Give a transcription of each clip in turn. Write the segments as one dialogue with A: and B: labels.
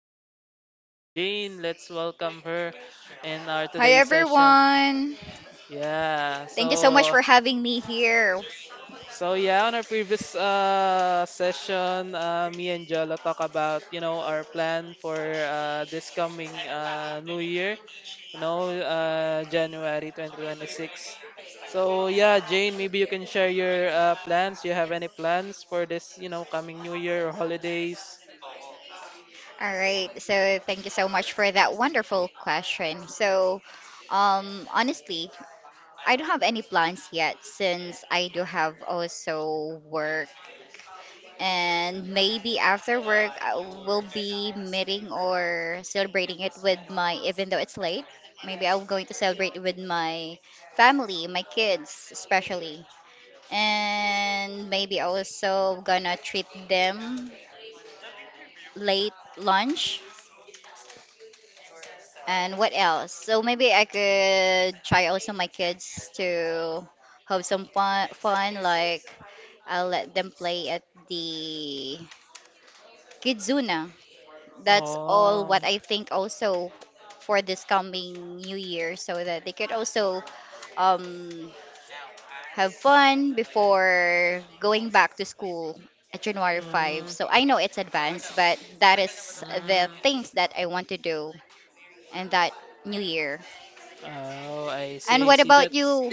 A: guest here, Jane. Let's welcome her in our
B: Hi
A: today's session.
B: everyone.
A: Yeah,
B: Thank you so much
A: so
B: for having me here.
A: so yeah, on our previous session, me and Jolo talk about our plan for this coming new year, January 2026. So yeah, Jane, maybe you can share your plans. You have any plans for this coming new year or holidays?
B: All right. So thank you so much for that wonderful question. So honestly, I don't have any plans yet since I do have also work and maybe after work I will be meeting or celebrating it with my even though it's late, maybe I'm going to celebrate with my family, my kids especially. And maybe also gonna treat them late lunch and what else, so maybe I could try also my kids to have some fun like I'll let them play at the kidzuna. That's all what
A: Oh,
B: I think also for this coming new year so that they could also um have fun before going back to school at January 5.
A: mm,
B: So I know it's advanced, but that is the
A: mm.
B: things that I want to do in that new year.
A: Oh, I
B: And
A: see, I
B: what
A: see.
B: about you?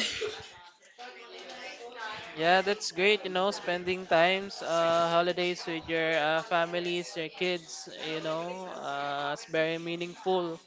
A: That's great, you know, spending times, holidays with your families, your kids, you know, it's very meaningful.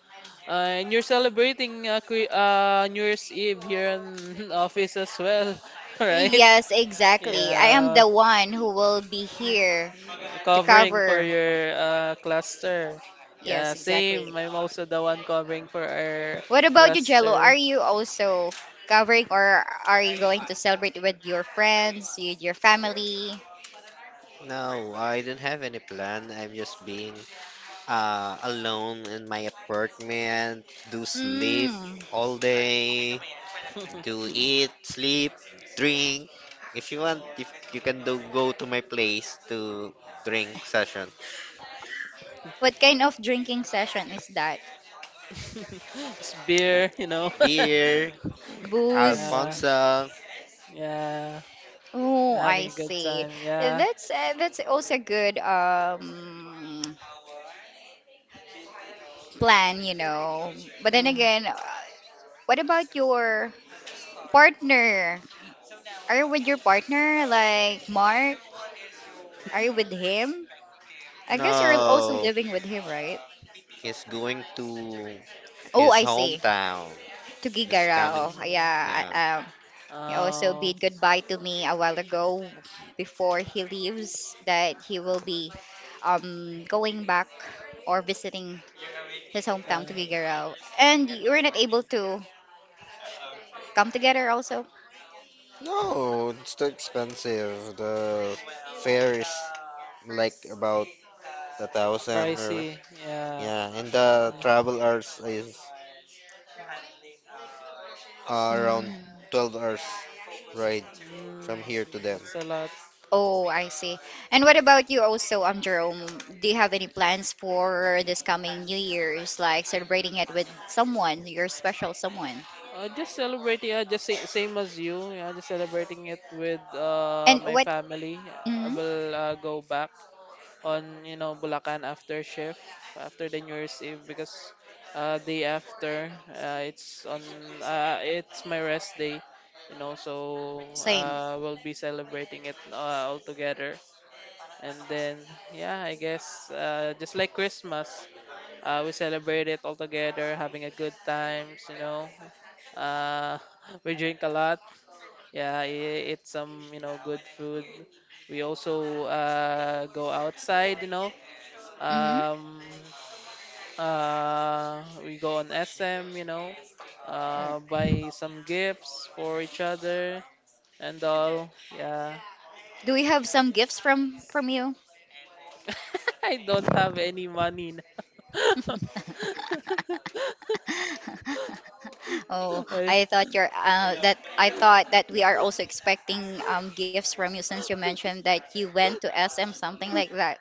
A: And you're celebrating New Year's Eve here in office as well, right?
B: Yes, exactly. I am
A: Yeah,
B: the one who will be here to
A: covering for
B: cover.
A: your cluster. Yeah,
B: Yes, exactly.
A: same. I'm also the one covering for our
B: What about you, Jello? Are
A: cluster.
B: you also covering or are you going to celebrate with your friends, with your family?
C: No, I don't have any plan. I'm just being alone in my apartment, do sleep
B: Mm.
C: all day, do eat, sleep, drink. If you want, if you can do go to my place to drink session.
B: What kind of drinking session is that?
A: It's beer, you know.
C: Beer,
B: Booze.
A: Yeah.
C: Alfonso.
A: Yeah, you're
B: Oh,
A: having
B: I
A: a good
B: see.
A: time. Yeah.
B: That's also a good plan. But then
A: Mm.
B: again, what about your partner? Are you with your partner, like Mark? Are you with him? I guess you're also
C: No,
B: living with him, right?
C: he's going to
B: Oh,
C: his
B: I see.
C: hometown.
B: To
C: This
A: Oh,
C: coming,
B: Gigarao. Yeah. I-
C: yeah.
B: Um, he also
A: oh,
B: bid goodbye to me a while ago before he leaves that he will be going back or visiting his hometown
A: yeah.
B: to Gigarao. And you were not able to come together also?
C: No, it's too expensive. The fare is like about 1,000 or
A: Pricey. Yeah.
C: yeah, and the
A: Yeah.
C: travel hours is around
B: Mm.
C: 12 hours ride
A: Mm,
C: from here to them.
A: that's a lot.
B: Oh, I see. And what about you also, Jerome? Do you have any plans for this coming New Year's, like celebrating it with someone, your special someone?
A: Just celebrating. Same as you. Yeah, just celebrating it with
B: And
A: my
B: what?
A: family. I
B: Mm-hmm.
A: will go back on Bulacan after shift, after the New Year's Eve, because day after it's on it's my rest day, you know, so
B: Same.
A: we'll be celebrating it all together. And then yeah, I guess just like Christmas, we celebrate it all together, having a good times, you know. uh we drink a lot, yeah, eat some, you know, good food. We also go outside, you know,
B: Mm-hmm.
A: um, we go on SM, you know,
B: Oh.
A: buy some gifts for each other and all. Yeah.
B: Do we have some gifts from you?
A: I don't have any money now.
B: Oh,
A: I
B: I thought you're that I thought that we are also expecting gifts from you since you mentioned that you went to SM, something like that.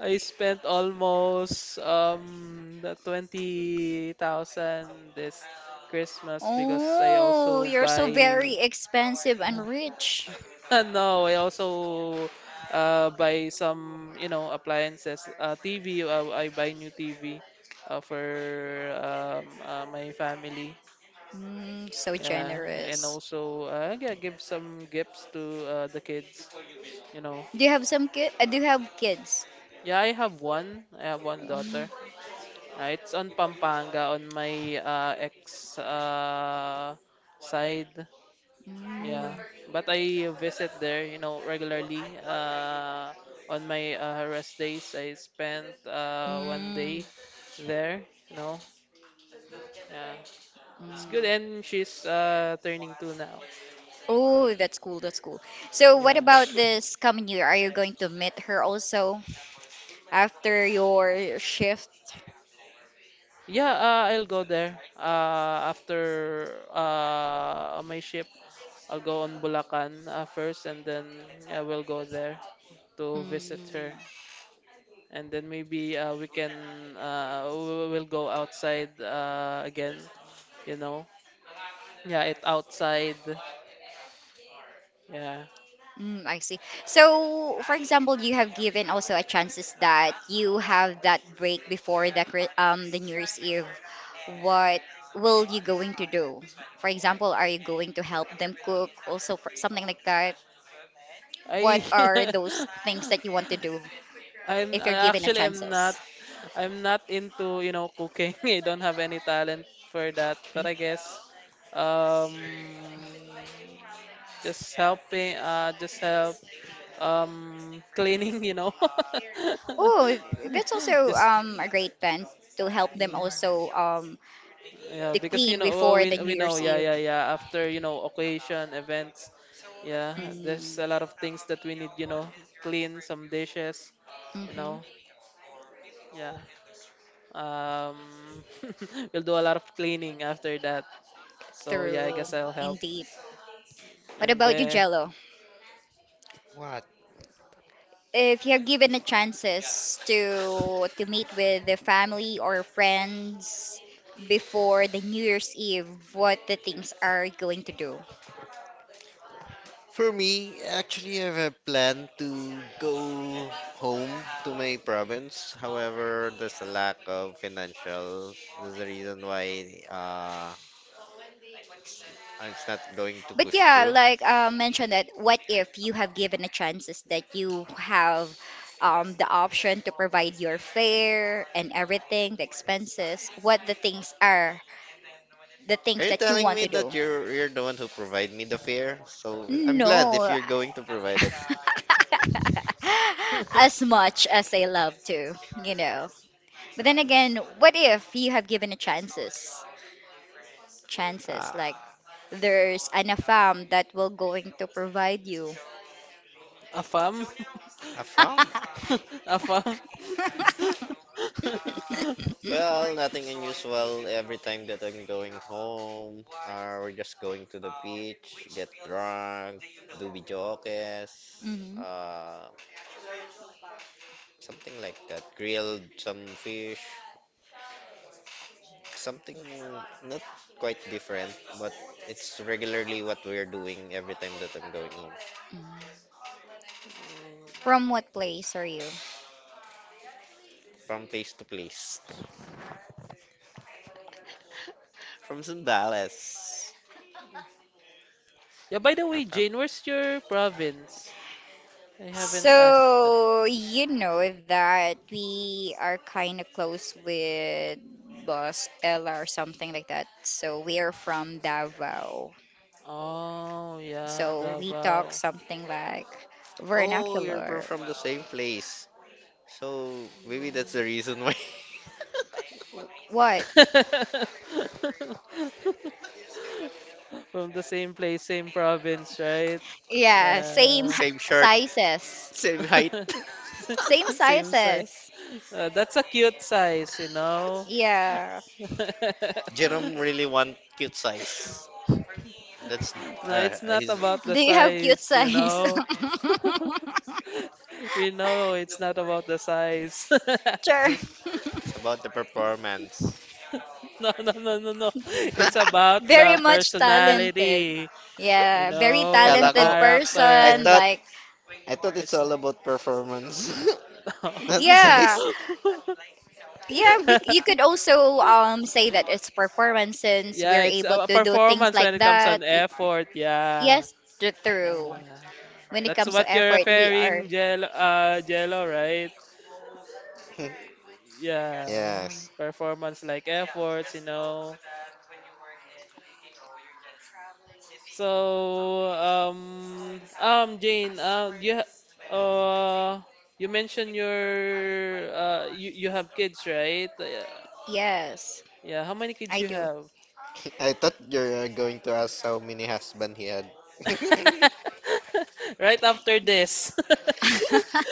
A: I spent almost the 20,000 this Christmas because I
B: Oh,
A: also
B: you're so very
A: buy.
B: expensive and rich.
A: No, I also buy some, you know, appliances. TV, I buy new TV for my family.
B: Mm, so
A: Yeah, and
B: generous.
A: also yeah, give some gifts to the kids, you know.
B: Do you have some kid? Do you have kids?
A: Yeah, I have one. I have one daughter.
B: Um,
A: It's on Pampanga on my ex side.
B: mm,
A: Yeah, but I visit there, you know, regularly. On my rest days, I spent one
B: mm,
A: day there, you know. Yeah, it's good,
B: mm.
A: and she's turning 2 now.
B: Oh, that's cool. That's cool. So, what
A: Yeah,
B: about this coming year? Are you going to meet her also, after your shift?
A: yeah, I'll go there. After on my ship, I'll go on Bulacan first, and then I will go there to visit
B: Mm,
A: her. And then maybe we will go outside again, you know. Yeah, it outside. Yeah.
B: mm, I see. So, for example, you have given also a chances that you have that break before the the New Year's Eve. What will you going to do? For example, are you going to help them cook also for something like that?
A: I
B: What are those things that you want to do
A: I'm
B: if you're
A: I
B: given a
A: actually am not.
B: chances?
A: I'm not into, you know, cooking. I don't have any talent for that, but I guess um just helping, just help, cleaning, you know.
B: Oh, that's also
A: Just
B: a great plan to help them
A: yeah.
B: also
A: Yeah,
B: to
A: because you
B: clean
A: know
B: before
A: we
B: the
A: we
B: New
A: know,
B: Year's
A: yeah
B: Eve.
A: yeah yeah, after, you know, occasion events, yeah, there's
B: Mm,
A: a lot of things that we need, you know, clean some dishes, you
B: hmm.
A: know, yeah. Um, we'll do a lot of cleaning after that. So yeah, I guess
B: Through,
A: I'll help.
B: indeed. What
A: And
B: about you,
A: then
B: Jello?
C: What?
B: If you have given a chances to meet with the family or friends before the New Year's Eve, what the things are going to do?
C: For me, actually, I have a plan to go home to my province. However, there's a lack of financial. That's the reason why and it's not going to
B: But
C: push
B: yeah,
C: through.
B: like, mentioned that what if you have given a chances that you have the option to provide your fare and everything, the expenses, what the things are, the
C: Are
B: things
C: you
B: that you
C: telling
B: want
C: me
B: to
C: that
B: do?
C: you're the one who provide me the fear? So I'm glad if
B: No,
C: you're going to provide it.
B: as much as I love to, you know. But then again, what if you have given a chances? Chances like
C: Ah,
B: there's an affam that will going to provide you.
A: a farm,
C: I found.
A: a farm.
C: Well, nothing unusual. Every time that I'm going home, or we're just going to the beach, get drunk, do bijokes,
B: Mhm.
C: uh, something like that. Grilled some fish, something not quite different, but it's regularly what we're doing every time that I'm going home,
B: Mm. From what place are you?
C: from place to place. From Sundales.
A: Yeah. By the
C: I'm
A: way,
C: from.
A: Jane, where's your province? I haven't asked.
B: So, you know that we are kind of close with Boss Ella or something like that. So, we are from Davao.
A: Oh, yeah,
B: So, we talk
A: Davao.
B: something like
C: Oh, you're
B: vernacular.
C: from the same place. So maybe that's
A: Mm.
C: the reason why.
B: What?
A: From the same place, same province, right?
B: Yeah, same
A: Yeah.
C: Same shirt.
B: sizes.
C: Same height.
B: Same
A: Same size.
B: sizes.
A: That's a cute size, you know?
B: Yeah.
C: Jerome really want cute size. That's
A: No, it's not
C: he's
A: about the
B: Do you have cute
A: size, you
B: size?
A: know? We know it's not about the size.
B: Sure.
C: it's about the performance.
A: No, no, no, no, no. It's about
B: Very
A: the
B: much talented.
A: personality, you
B: Yeah, very
A: know,
C: Akala
A: the
C: ko,
B: talented
C: I
B: person.
A: character.
C: thought
B: Like,
C: I thought it's
A: It's
C: all about performance,
A: no.
C: not the size.
B: yeah, yeah. We you could also say that it's performance since we're
A: Yeah, it's
B: able
A: a
B: to do things
A: performance
B: like
A: when it comes
B: that.
A: on effort. Yeah.
B: Yes, through
A: Uh,
B: when it
A: that's
B: comes
A: what
B: to
A: you're
B: effort, we are.
A: referring, Jello, right? Yeah.
C: yes.
A: Performance like efforts, you know. So, Jane, uh, you mentioned you have kids, right? Yeah.
B: Yes,
A: Yeah. How many kids
B: I
A: you
B: do.
A: have?
C: I thought you're going to ask how many husband he had.
A: Right after this.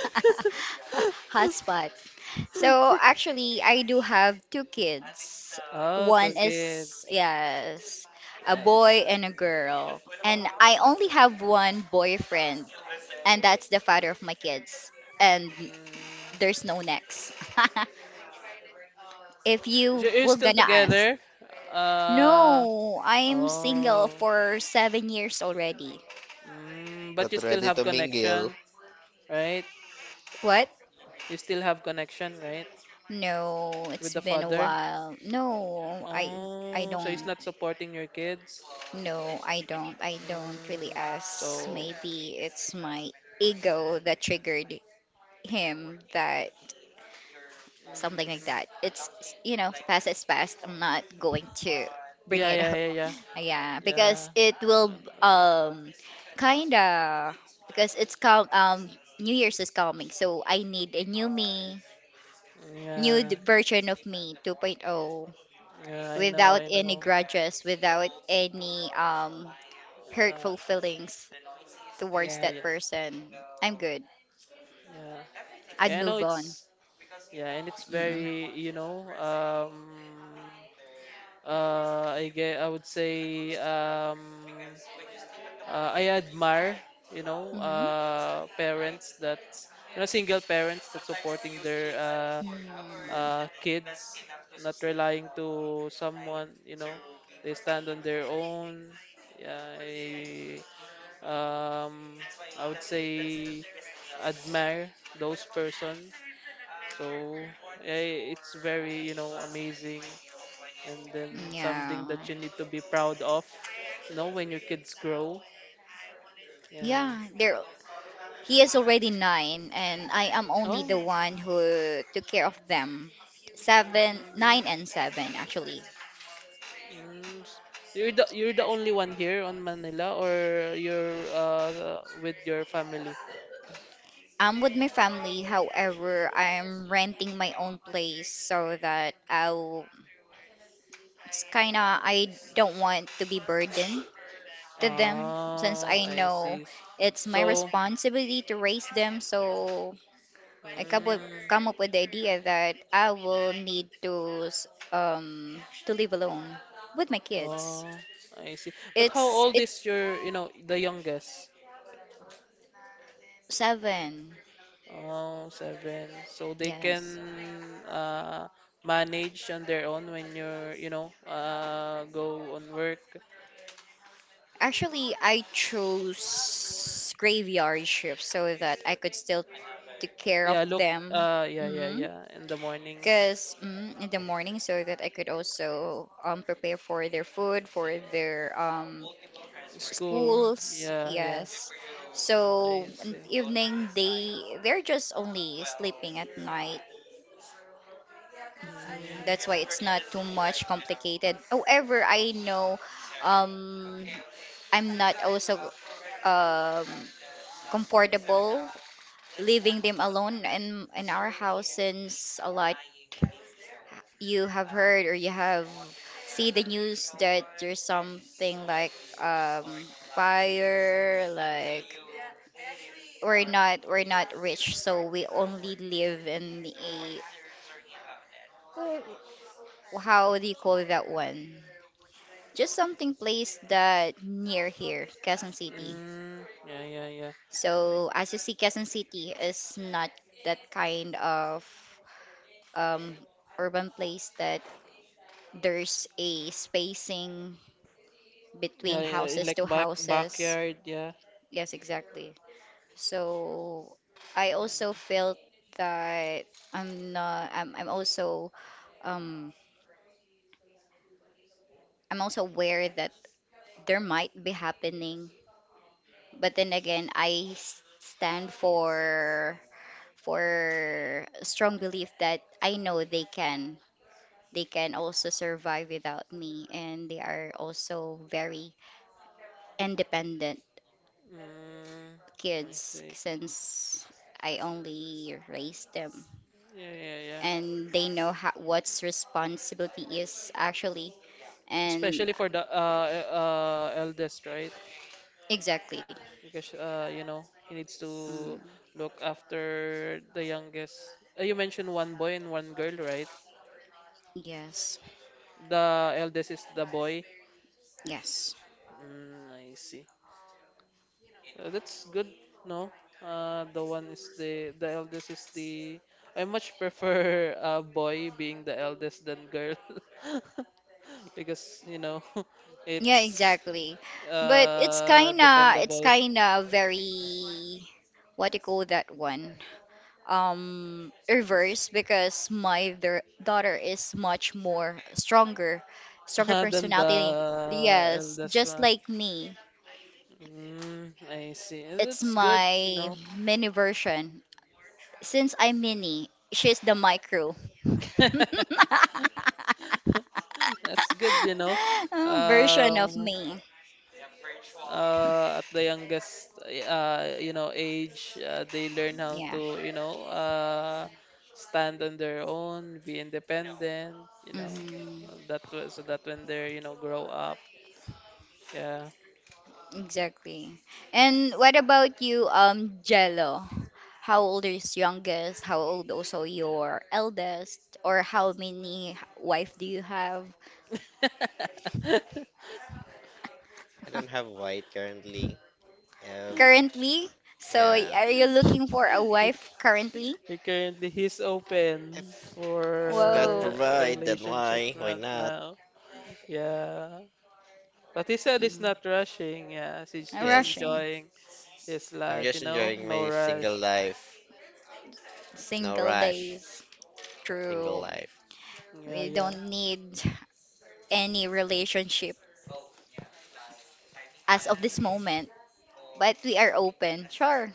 B: Hotspot. So actually, I do have two kids.
A: Oh, two
B: One is
A: kids.
B: yes, a
A: Nice.
B: boy and a girl, and I only have one boyfriend, and that's the father of my kids. And
A: Mm.
B: there's no next. If
A: So
B: you
A: you're
B: were
A: still
B: gonna ask.
A: together? Uh,
B: No, I'm single
A: oh.
B: for 7 years already.
A: Mm, but
C: but
A: you still
C: ready
A: have
C: to mingle.
A: connection, right?
B: What?
A: You still have connection, right?
B: No,
A: With
B: it's
A: the
B: been a
A: father?
B: while. No, I
A: Oh, so he's
B: don't.
A: not supporting your kids?
B: No, I don't. I don't really
A: Mm,
B: ask.
A: so,
B: Maybe it's my ego that triggered him that something like that.
A: mm,
B: It's, past is past. I'm not going to bring
A: yeah,
B: it
A: yeah,
B: up.
A: yeah, yeah.
B: Yeah, because
A: Yeah.
B: it will
A: Ano to?
B: kinda, because it's come, New Year's is coming, so I need a new me, new
A: Yeah.
B: version of me 2.0
A: Yeah, I know,
B: without
A: I
B: any
A: know.
B: grudges, without any
A: Uh,
B: hurtful feelings towards
A: yeah,
B: that
A: yeah,
B: person. I'm good.
A: yeah.
B: I'd
A: Yeah, I know
B: move on.
A: it's, yeah, and it's
B: Mm-hmm.
A: very, you know, I get, I would say, I admire, you know,
B: Mm-hmm.
A: parents that, you know, single parents that supporting their
B: Mm,
A: kids, not relying to someone, you know, they stand on their own. Yeah, um, I would say admire those person. So yeah, it's very, you know, amazing, and then something
B: yeah.
A: that you need to be proud of, you know, when your kids grow. Yeah.
B: Yeah, there he is already nine, and I am only
A: Oh.
B: the one who took care of them. Seven,
A: Mm,
B: nine, and seven, actually.
A: mm. You're the only one here on Manila, or you're with your family?
B: I'm with my family, however, I'm renting my own place so that I'll. It's kinda. I don't want to be burdened to them since
A: Ah,
B: I
A: I
B: know
A: see.
B: it's my
A: So,
B: responsibility to raise them. So I come up,
A: mm,
B: come up with the idea that I will need to to live alone with my kids.
A: oh, I see. But how
B: It's
A: old is your, you know, the youngest?
B: Seven.
A: Oh, seven. So they
B: Yes.
A: can manage on their own when you're, you know, go on work.
B: Actually, I chose graveyard shift so that I could still take care of
A: Yeah, look,
B: them.
A: yeah, yeah,
B: mm
A: yeah, in the mornings.
B: Because, in the morning, so that I could also, prepare for their food, for their
A: School.
B: schools.
A: Yeah, yeah.
B: Yes. So
A: I
B: in
A: see.
B: the evening, they're just only sleeping at night. Mm,
A: Mm,
B: that's why it's not too much complicated. However, I know, um I'm not also, um, comfortable leaving them alone in our house since a lot you have heard or you have see the news that there's something like, um, fire like we're not rich, so we only live in a, how do you call that one, just something place that near here Quezon City.
A: mm, yeah, yeah, yeah.
B: So as you see, Quezon City is not that kind of, um, urban place that there's a spacing
A: Yeah,
B: between
A: yeah, yeah,
B: houses
A: like
B: to houses.
A: backyard, yeah.
B: Yes, exactly. So I also felt that I'm not. Um, I'm also aware that there might be happening, but then again, I stand for a strong belief that I know they can also survive without me, and they are also very independent
A: Mm, mm, I
B: kids
A: see.
B: since I only raised them.
A: Yeah, yeah, yeah.
B: And they know how, what's responsibility is actually. And
A: Especially for the eldest, right?
B: exactly.
A: Because you know he needs
B: Mm,
A: to look after the youngest. You mentioned one boy and one girl, right?
B: yes.
A: The eldest is the boy.
B: Yes.
A: Mm, I see. That's good. No, the one is the eldest is the. I much prefer a boy being the eldest than girl, because you know,
B: Yeah,
A: it's
B: exactly. But it's kinda it's
A: dependable
B: kinda very, what do you call that one? Reverse, because my their daughter is much more stronger stronger
A: than
B: personality,
A: the
B: yes,
A: eldest
B: just
A: one.
B: like me.
A: Mm, I see.
B: It's
A: That's good. You
B: my
A: know,
B: mini version. Since I'm mini, she's the micro
A: that's good. You know,
B: version of
A: um,
B: me,
A: at the youngest you know age, they learn how
B: yeah.
A: to, you know, stand on their own, be independent, you know,
B: Hmm.
A: so that when they're, you know, grow up, yeah.
B: Exactly. And what about you, Jello? How old is youngest? How old also your eldest? Or how many wife do you have
C: I don't have white currently. If,
B: currently? So
C: yeah.
B: are you looking for a
A: he,
B: wife currently?
A: he currently he's open
C: If
A: for
C: God
B: Whoa,
A: a
C: provide, then
A: relationship
C: why? Why
A: right
C: not?
A: now, yeah, but he said he's
B: mm,
A: not rushing, yeah, he's
B: I'm
A: just
C: Yes,
B: rushing.
A: enjoying his
C: I'm
A: life,
C: just
A: you know,
C: enjoying
A: no
C: my single
A: rush.
C: life. No
B: Single
C: rush.
B: days.
C: Single
B: True.
C: life.
A: Yeah,
B: We
A: yeah,
B: don't need any relationship as of this moment, but we are open. Sure.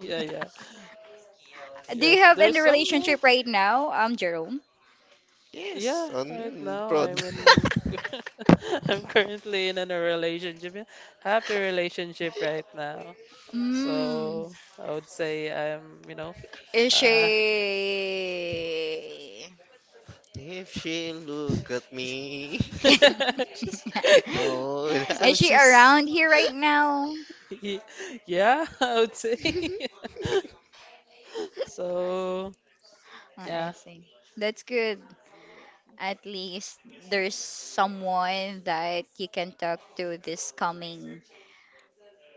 A: yeah, yeah.
B: Do
A: Yeah,
B: you
A: if
B: have any
A: there's some more,
B: relationship right now, Jerome?
C: Yes,
A: yeah, right
C: on
A: now
C: prod.
A: I'm currently in a relationship, yeah, happy relationship right now.
B: Mm.
A: So I would say I'm, you know,
B: Is
A: uh,
B: she,
C: If she look at me,
A: she's,
C: I know that.
B: is
A: so
B: she
A: she's,
B: around here right now?
A: yeah, I would say. So,
B: Oh, I
A: yeah.
B: see. That's good. At least there's someone that you can talk to this coming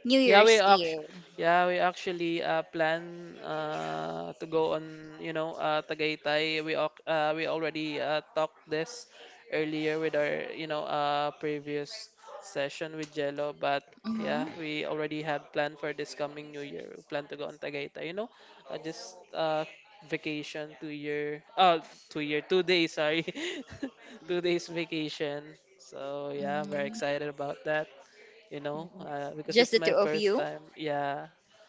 B: New
A: Yeah, we
B: Year's
A: act
B: Eve.
A: Yeah, we actually plan to go on, you know, Tagaytay. We already talked this earlier with our, you know, previous session with Jello, but yeah,
B: Hmm,
A: we already had planned for this coming New Year. We plan to go on Tagaytay, you know, just vacation, 2 days, sorry, 2 days vacation. So yeah, very
B: hmm.
A: excited about that, you know, because
B: Just
A: it's
B: the
A: my
B: two of
A: first
B: you?
A: time. Yeah,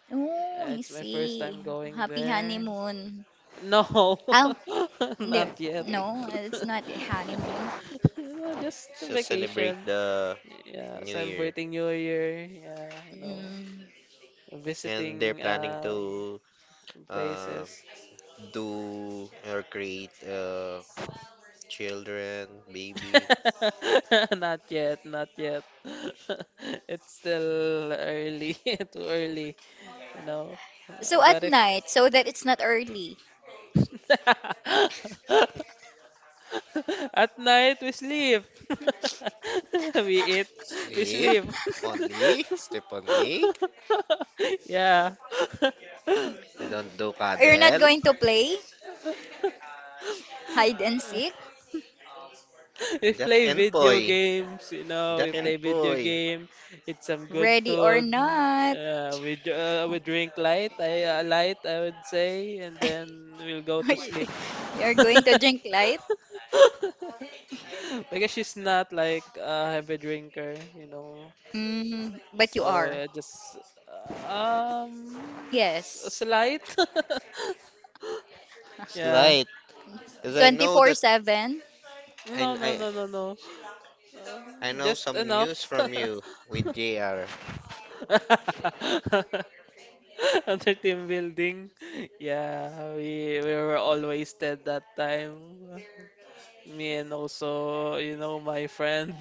B: Oh, I
A: it's my first
B: see.
A: time going
B: Happy
A: there.
B: honeymoon.
A: No,
B: Oh, no,
A: not yet.
B: no, it's not a honeymoon.
A: You know, just a
C: Just celebrate
A: vacation.
C: the
A: Yeah,
C: new year.
A: celebrating New Year. Yeah, you know,
B: Mm.
C: And they're
A: visiting
C: planning to
A: some
C: uh,
A: places.
C: do or create children, baby.
A: Not yet, not yet. It's still early, too early, you know.
B: So
A: But
B: at
A: if
B: night, so that it's not early.
A: at night, we sleep. We eat, we
C: Sleep
A: sleep.
C: only. Sleep only.
A: Yeah.
C: They don't do
B: You're not
C: cuddle.
B: going to play hide and seek,
A: We
C: Jack
A: play
C: and
A: video
C: Poy.
A: games, you know, we
C: Jack and
A: play video
C: Poy.
A: game, eat some good
B: ready or
A: food.
B: not.
A: Uh, we dr- we drink light I would say, and then we'll go to sleep.
B: You're going to drink light?
A: Because she's not like a heavy drinker, you know.
B: Mm, but you
A: So
B: are.
A: just a
B: Yes.
A: slight. Yeah.
C: Slight. Because I know that
B: 24/7.
C: I,
A: No, no,
C: I,
A: no, no, no. Uh,
C: I know
A: just
C: some
A: enough.
C: news from you with JR.
A: Under team building. Yeah, we were all wasted that time. Me and also, you know, my friend.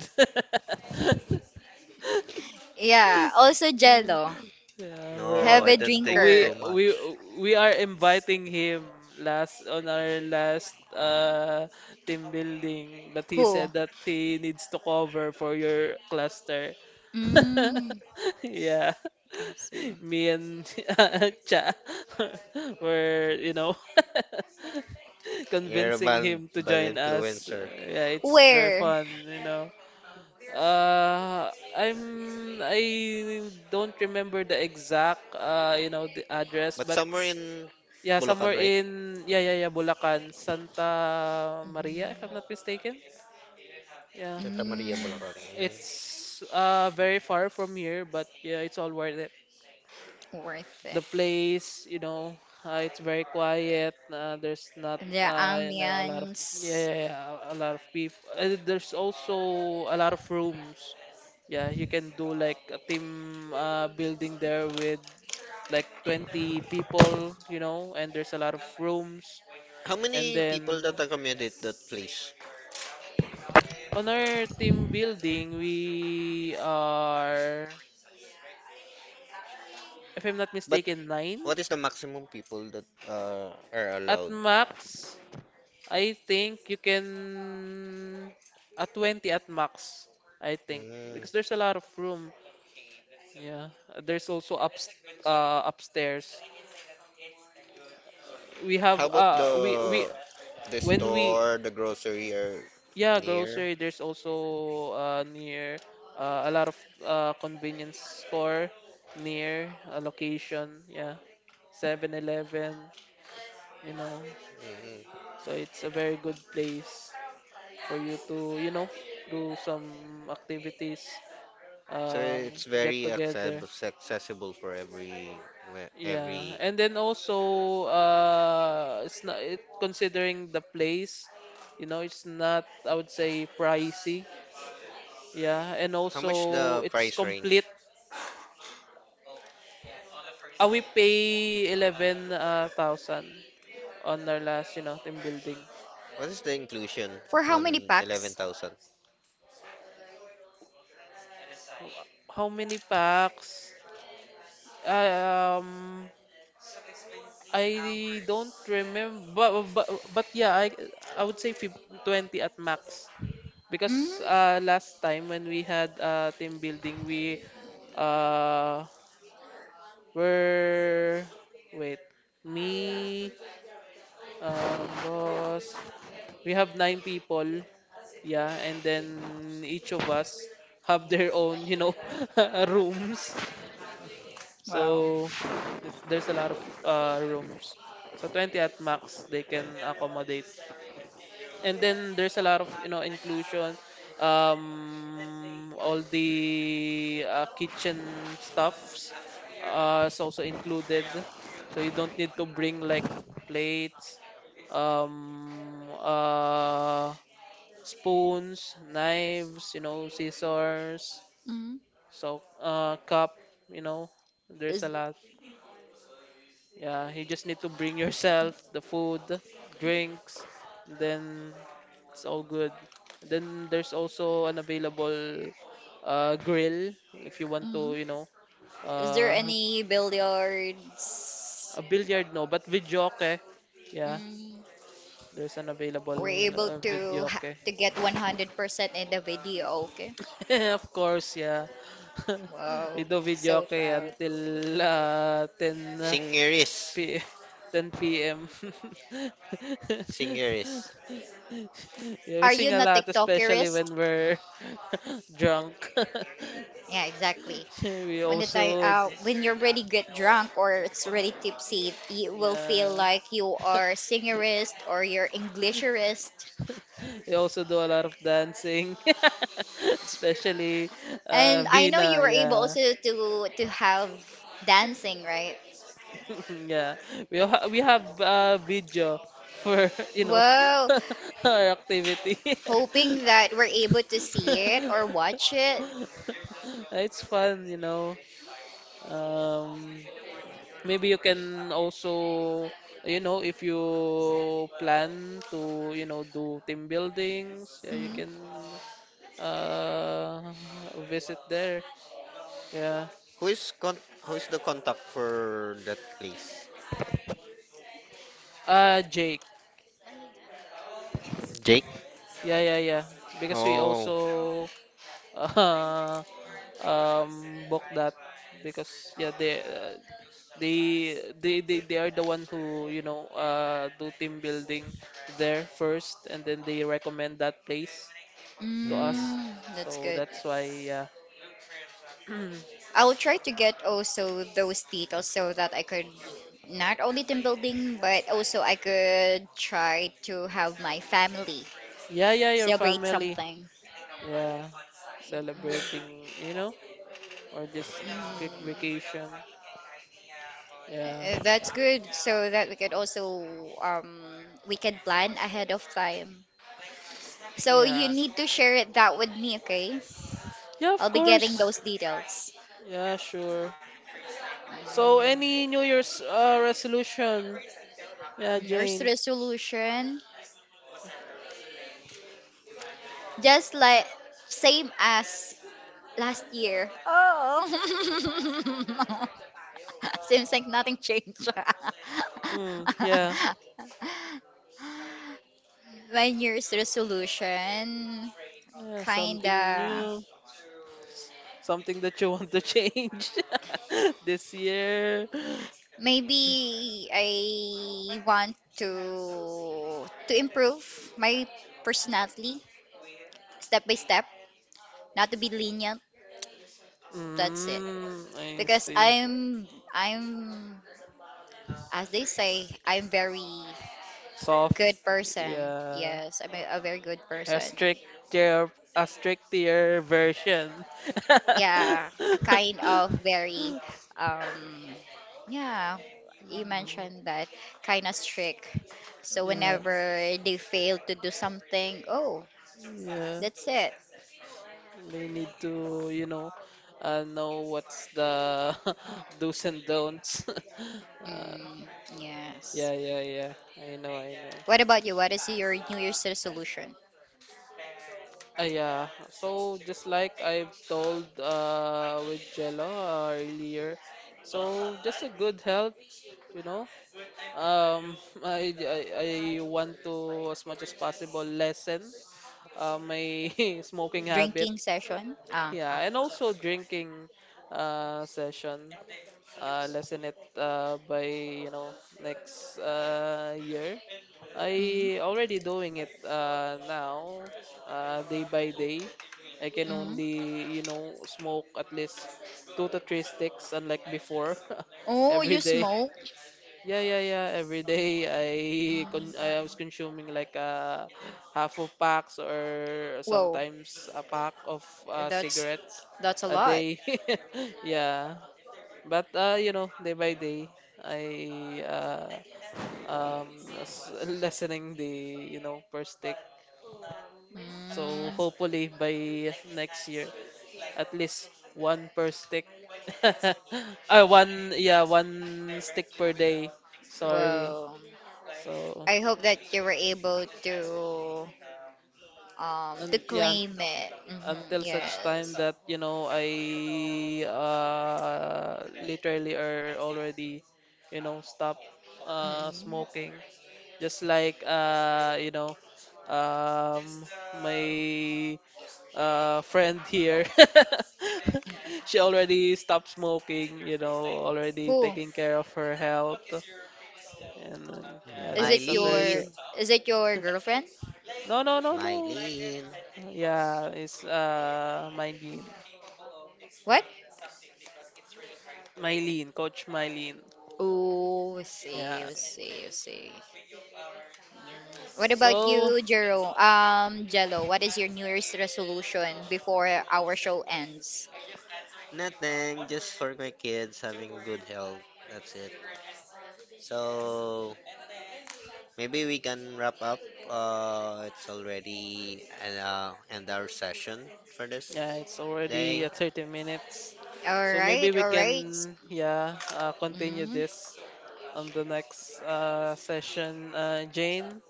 B: Yeah, also Jello.
A: Yeah, we're
C: No, I
B: Heavy
C: don't think
A: we
B: drinker.
C: too
A: we
C: much.
A: we are inviting him last on our last team building, but he
B: Who?
A: said that he needs to cover for your cluster.
B: Mm,
A: Yeah,
B: I see.
A: me and Cha were, you know,
C: You're a
A: convincing
C: bad,
A: him to
C: bad
A: join us.
C: influencer.
A: Yeah, it's very
B: Where?
A: fun, you know. Uh, I'm I don't remember the exact the address,
C: But
A: but
C: somewhere in
A: yeah,
C: Bulacan,
A: somewhere
C: right?
A: in, yeah yeah yeah, Bulacan, Santa Maria,
B: Mm,
A: if I'm not mistaken. Yeah,
C: Santa Maria,
B: mm,
C: Bulacan. Mm.
A: it's very far from here, but yeah, it's all worth it.
B: worth
A: The
B: it.
A: place, you know, it's very quiet. There's not,
B: The
A: you know, a lot of, yeah,
B: ambience.
A: yeah, yeah, a lot of people. There's also a lot of rooms. Yeah, you can do like a team building there with like 20 people, you know, and there's a lot of rooms.
C: How
A: And
C: many people that
A: then
C: accommodate that place?
A: on our team building, we are, if I'm not
C: But
A: mistaken, 9
C: what is the maximum people that are
A: at
C: allowed?
A: max. I think you can a 20 at max, I think,
C: Mm.
A: because there's a lot of room. Yeah, there's also up upstairs. We have
C: How about
A: we
C: the
A: when we
C: store, the grocery are
A: yeah,
C: near?
A: grocery, there's also near, a lot of convenience store near a location, yeah. Seven Eleven. you know.
C: Mhm.
A: So it's a very good place for you to do some activities.
C: So
A: um
C: it's
A: get
C: very
A: together.
C: accessible accessible for
A: Yeah,
C: every.
A: and then also it's not it, considering the place, it's not, I would say, pricey. Yeah, and
C: How much
A: also
C: the
A: it's
C: price
A: complete.
C: range?
A: We pay 11,000 on our last team building.
C: What is the inclusion
B: For how many
C: on
B: packs?
C: 11,000?
A: Ho- How many packs? Um, I don't remember, but yeah, I would say 20 at max.
B: Mm.
A: Because last time when we had team building, we uh, were wait me boss. We have nine people, yeah, and then each of us have their own, rooms.
B: Wow.
A: So there's a lot of rooms. So 20 at max they can accommodate. And then there's a lot of inclusion. All the kitchen stuffs is also included, so you don't need to bring like plates, um uh spoons, knives, scissors,
B: Mm,
A: so cup, you know there's a
B: is
A: lot. Yeah, you just need to bring yourself the food, drinks, then it's all good. Then there's also an available grill if you want
B: mm,
A: to, you know.
B: is there
A: uh,
B: any billiards,
A: a billiard, no, but videoke. Yeah,
B: mm,
A: there's an available
B: were able to ha
A: videoke.
B: to get 100% in the video? Okay.
A: Of course, yeah. We
B: Wow,
A: do
B: so
A: videoke
B: proud.
A: until 10
C: Singeris.
A: P 10 p.m.
C: Singeris.
A: Yeah, we
B: Are you
A: sing a
B: not
A: lot, especially
B: TikTokerist?
A: when we're drunk.
B: Yeah, exactly.
A: We
B: When the time,
A: also, d-
B: when you already get drunk or it's already tipsy, you will feel
A: yeah,
B: like you are singerist or you're Englisherist.
A: we also do a lot of dancing, especially
B: And I know you
A: Vina.
B: were able
A: Yeah,
B: also to have dancing, right?
A: yeah. We have video for you know
B: Wow.
A: our activity.
B: Hoping that we're able to see it or watch it.
A: It's fun. Um, Maybe you can also, you know, if you plan to, you know, do team buildings, yeah, you
B: Hmm.
A: can uh visit there. Yeah.
C: Who is con who is the contact for that place?
A: Jake.
C: Jake?
A: Yeah, yeah, yeah. Because we
C: Oh,
A: also uh, book that, because yeah, they they are the one who, you know, do team building there first and then they recommend that place to us.
B: Mm, that's
A: So
B: good.
A: that's why, yeah.
B: I will try to get also those details so that I could, not only team building, but also I could try to have my family
A: Yeah, yeah, your
B: celebrate
A: family,
B: something.
A: yeah, celebrating,
B: Mm-hmm.
A: you know or just
B: Uh,
A: a quick vacation. Yeah,
B: That's good, so that we could also, um we can plan ahead of time. So you
A: yeah,
B: need to share it that with me, okay?
A: yeah,
B: I'll
A: of
B: be getting
A: course.
B: those details.
A: Yeah, sure. So any
B: Mm.
A: new year's resolution? Yeah,
B: Year's
A: Jane.
B: resolution, just like same as last year. Oh. Seems like nothing changed.
A: Mm, yeah.
B: My New Year's resolution,
A: Yeah, something
B: kinda
A: new. s- Something that you want to change this year.
B: maybe I want to improve my personality step by step, not to be lenient. That's it.
A: Mm, I
B: Because
A: see.
B: I'm, as they say, I'm very
A: Soft.
B: good person.
A: Yeah.
B: Yes, I'm a very good
A: A
B: person.
A: stricter, a stricter version.
B: Yeah, a kind of very, um, yeah. You mentioned that kind of strict. So
A: Yeah.
B: whenever they fail to do something, oh,
A: Yeah.
B: that's it.
A: They need to, know what's the do's and don'ts. Uh,
B: Mm, yes.
A: Yeah, yeah, yeah. I know, I know.
B: What about you? What is your New Year's resolution?
A: Yeah. So just like I've told with Jello earlier, so just a good health, you know. Um, I want to, as much as possible, lessen my smoking habit.
B: Drinking session? Ah, ah.
A: Yeah, and also drinking session. Lessen it by, next year.
B: Mm,
A: I already doing it now, day by day. I can
B: mm.
A: only smoke at least two to three sticks, unlike before,
B: Oh,
A: every
B: you
A: day.
B: smoke?
A: Yeah, yeah, yeah. Every day I was
B: Mm.
A: consuming like half of packs, or
B: Whoa.
A: sometimes a pack of
B: That's
A: cigarettes
B: that's a
A: a
B: lot.
A: day. Yeah, but day by day, I lessening the, per stick. So
B: Mm.
A: hopefully by next year, at least one per stick. Ah, one, yeah, one stick per day. Sorry.
B: Well,
A: So,
B: I hope that you were able to, to
A: and yeah,
B: claim it. Mm-hmm,
A: until such time
B: yes.
A: that I literally are already, stop
B: Mm-hmm,
A: smoking, just like um, my friend here. She
B: mm-hmm.
A: already stopped smoking, already
B: Who
A: taking care of her health. And yeah,
B: Is
A: that's
B: it
A: a very
B: your
A: good.
C: Mylene,
B: is it your girlfriend?
A: No, no, no, no.
C: Mylene.
A: Yeah, it's my need,
B: What?
A: Mylene, Coach Mylene.
B: Oh, I see,
A: Yeah.
B: I see, I see. Mm. What about
A: So,
B: you, Jero? Jello, what is your New Year's resolution before our show ends?
C: Nothing, just for my kids having good health. That's it. So maybe we can wrap up. It's already an end our session for this
A: yeah, it's
C: day.
A: already 30 minutes.
B: All
A: So
B: right,
A: maybe we
B: all
C: Yeah.
B: right.
A: can, yeah, continue
B: Mm-hmm.
A: this on the next session. Jane,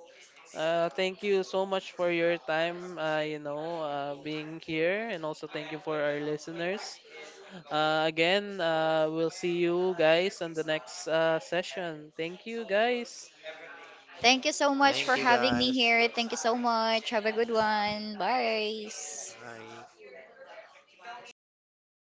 A: thank you so much for your time, being here. And also thank you for our listeners. Again, we'll see you guys on the next session. Thank you, guys.
B: Thank you so much
C: Thank
B: for
C: you
B: having me
C: guys.
B: here. Thank you so much. Have a good one. Bye.
C: Hi.